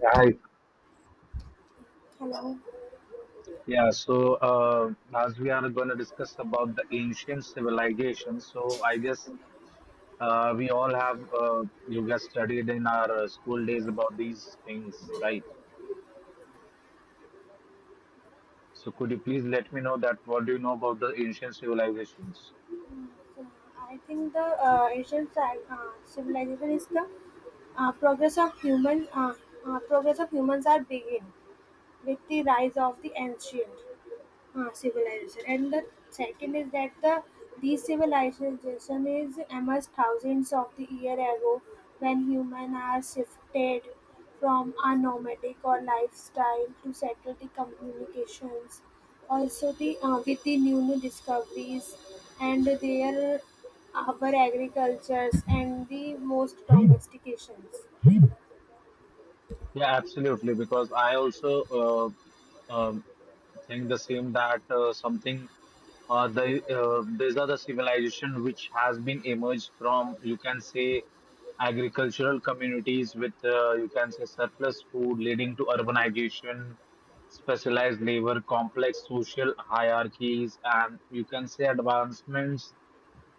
Yeah, hi. Hello. Yeah, so as we are going to discuss about the ancient civilization, so I guess we all have you guys studied in our school days about these things, right? So could you please let me know that what do you know about the ancient civilizations? So I think the ancient civilization is the progress of human progress of humans are begin with the rise of the ancient. Civilization, and the second is that the these civilization is emerged thousands of the year ago when human are shifted from a nomadic or lifestyle to settled the communications, also the, with the new discoveries and their our agricultures and the most domestications. Yeah, absolutely. Because I also uh, um, think the same that something the these are the civilization which has been emerged from, you can say, agricultural communities with, you can say, surplus food leading to urbanization, specialized labor, complex social hierarchies, and, you can say, advancements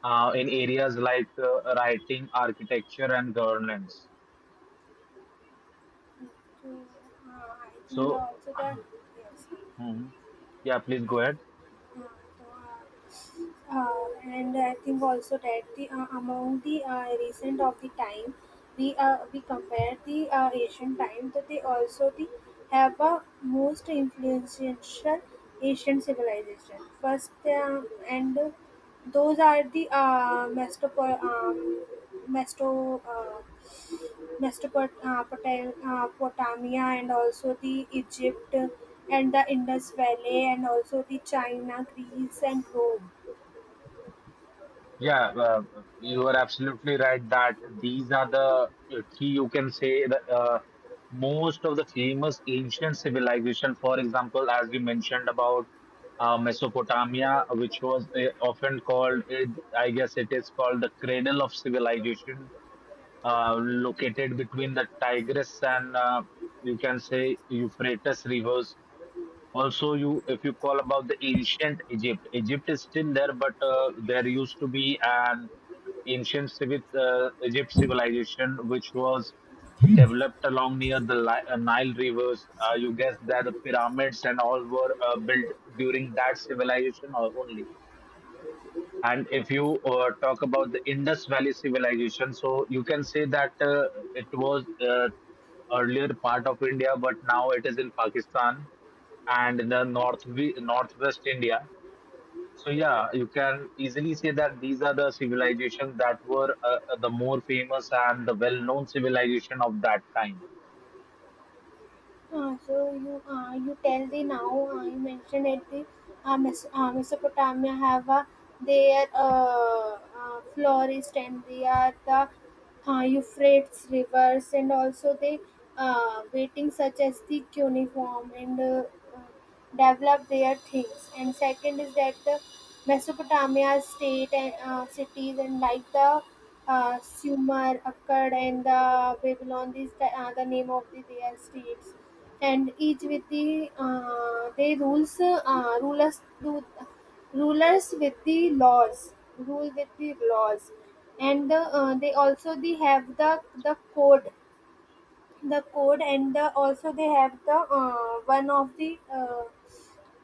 in areas like writing, architecture, and governance. So I think the, So also the yes. hmm. Yeah, please go ahead. Uh, and I think also that the, among the recent of the time, we compare the Asian time, that they also the have a most influential Asian civilization first. And those are the mestopo- mesto Mesopotamia, Potamia, and also the Egypt and the Indus Valley and also the China, Greece, and Rome. Yeah, you are absolutely right that these are the key, you can say, the most of the famous ancient civilization. For example, as we mentioned about Mesopotamia, which was often called, it, I guess it is called the cradle of civilization, located between the Tigris and, you can say, Euphrates rivers. Also, you, if you call about the ancient Egypt, Egypt is still there, but there used to be an ancient Egypt civilization which was developed along near the Nile rivers. You guess that the pyramids and all were built during that civilization or only. And if you talk about the Indus Valley civilization, so you can say that it was earlier part of India, but now it is in Pakistan and the northwest India. So yeah, you can easily say that these are the civilizations that were the more famous and the well-known civilization of that time. You tell the now you mentioned that the, Mesopotamia have their florist, and they are the Euphrates rivers, and also the waiting such as the cuneiform, and uh, develop their things. And second is that the Mesopotamia state and cities and like the, Sumer, Akkad, and the Babylon. These the name of the, their states, and each with the, they rules rulers do rulers with the laws, rule with the laws, and the, they also they have the code, the code, and the, also they have the uh, one of the uh,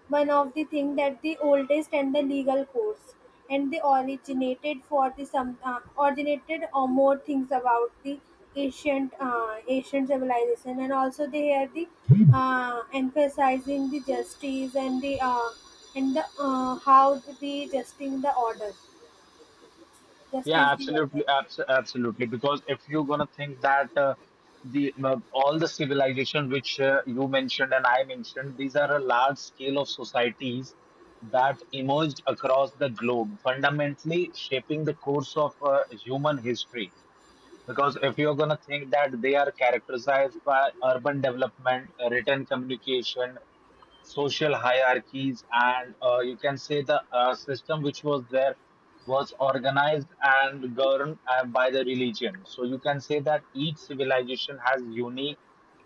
one of the thing that the oldest and the legal course, and they originated for the some, originated or more things about the ancient civilization. And also they are the emphasizing the justice and the, how to be justing the order, Yeah, justice the order. absolutely, absolutely. Because if you're gonna think that the all the civilization which you mentioned and I mentioned, these are a large scale of societies that emerged across the globe, fundamentally shaping the course of human history. Because if you're going to think that they are characterized by urban development, written communication, social hierarchies, and, you can say, the system which was there was organized and governed by the religion. So you can say that each civilization has unique,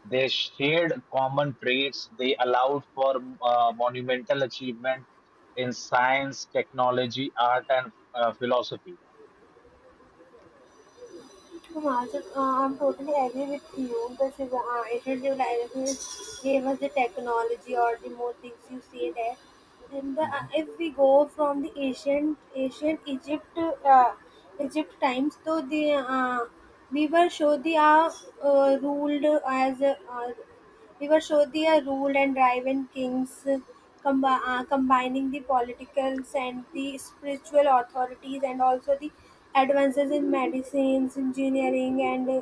they shared common traits, they allowed for monumental achievement in science, technology, art, and philosophy. True, Marshall. I'm totally agree with you. The ancient civilizations gave us the technology or the more things you say there. Then the, if we go from the ancient Egypt, uh, Egypt times, so the, we were sure they are ruled as, we were showed Vivashodhya rule and driven kings, combining the politicals and the spiritual authorities, and also the advances in medicines, engineering, and,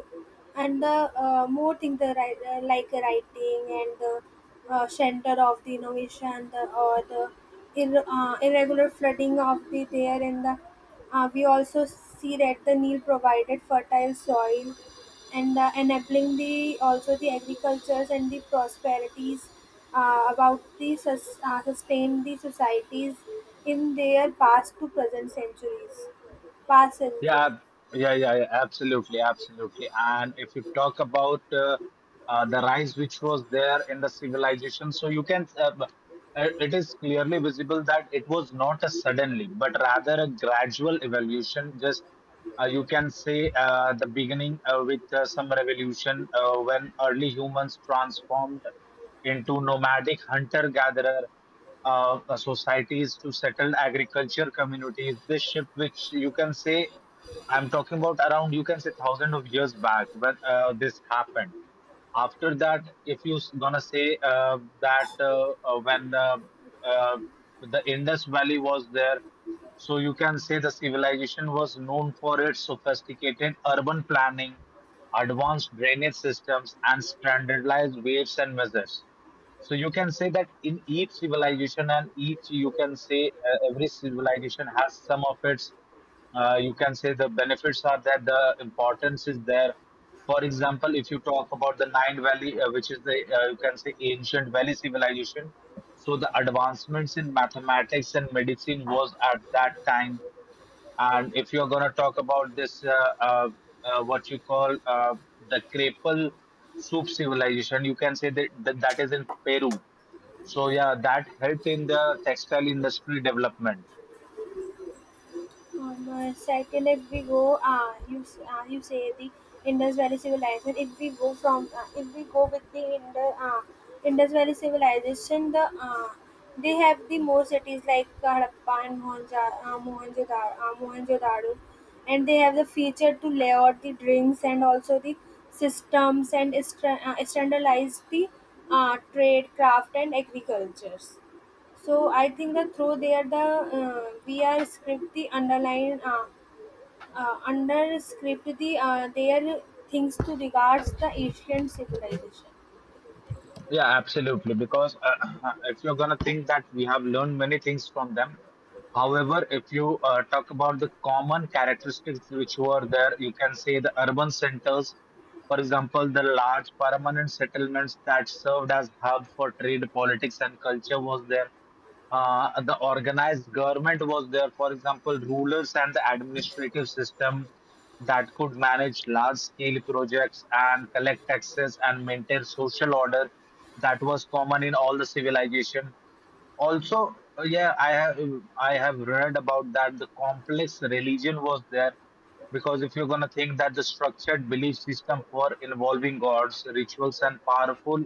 and the more things the, like writing, and the center of the innovation the, or the irregular flooding of the there in the, we also see that the Nile provided fertile soil and enabling the also the agricultures and the prosperities about the sustain the societies in their past to present centuries, past Yeah, centuries. ab- yeah, absolutely, absolutely. And if you talk about the rise which was there in the civilization, so you can, it is clearly visible that it was not a suddenly, but rather a gradual evolution. Just you can say the beginning with some revolution when early humans transformed into nomadic hunter-gatherer societies to settled agriculture communities. This shift, which, you can say, I'm talking about around, you can say, thousand of years back, when this happened. After that, if you gonna say that when uh, the Indus Valley was there, so you can say the civilization was known for its sophisticated urban planning, advanced drainage systems, and standardized weights and measures. So you can say that in each civilization and each, you can say, every civilization has some of its, you can say, the benefits are that the importance is there. For example, if you talk about the Nine Valley, which is the, you can say, ancient valley civilization, so the advancements in mathematics and medicine was at that time. And if you're going to talk about this, uh, what you call the Crepal soup civilization, you can say that that is in Peru. So yeah, that helped in the textile industry development. On, second, if we go, you say the Indus Valley civilization. If we go from, if we go with the Indus Valley civilization, the, they have the more cities like Harappa and Mohenjo-daro, Mohenjo-daro, and they have the feature to lay out the drinks, and also the systems, and standardize the trade, craft, and agricultures. So I think that through there the, we are script the underline, under script the their things to regards the ancient civilization. Yeah, absolutely. Because if you're gonna think that we have learned many things from them. However, if you talk about the common characteristics which were there, you can say the urban centers, for example, the large permanent settlements that served as hub for trade, politics, and culture was there. The organized government was there, for example, rulers and the administrative system that could manage large scale projects and collect taxes and maintain social order, that was common in all the civilization. Also, yeah, I have read about that the complex religion was there, because if you're going to think that the structured belief system for involving gods, rituals, and powerful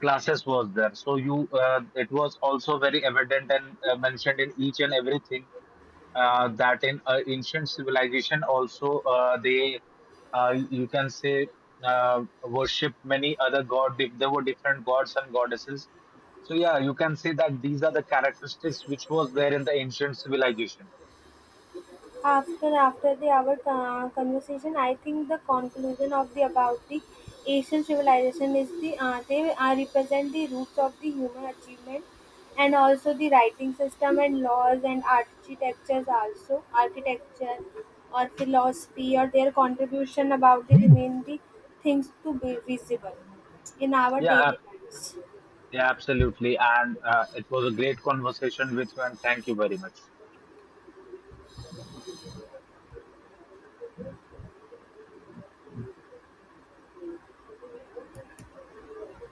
classes was there. So you, it was also very evident and mentioned in each and everything, that in ancient civilization also, they you can say, worship many other god, if there were different gods and goddesses. So yeah, you can say that these are the characteristics which was there in the ancient civilization. After the our conversation, I think the conclusion of the about the Asian civilization is the, they represent the roots of the human achievement, and also the writing system and laws and architectures, also architecture or philosophy or their contribution about the remain the things to be visible in our yeah ab- daily lives. yeah, absolutely, and it was a great conversation with you, and thank you very much.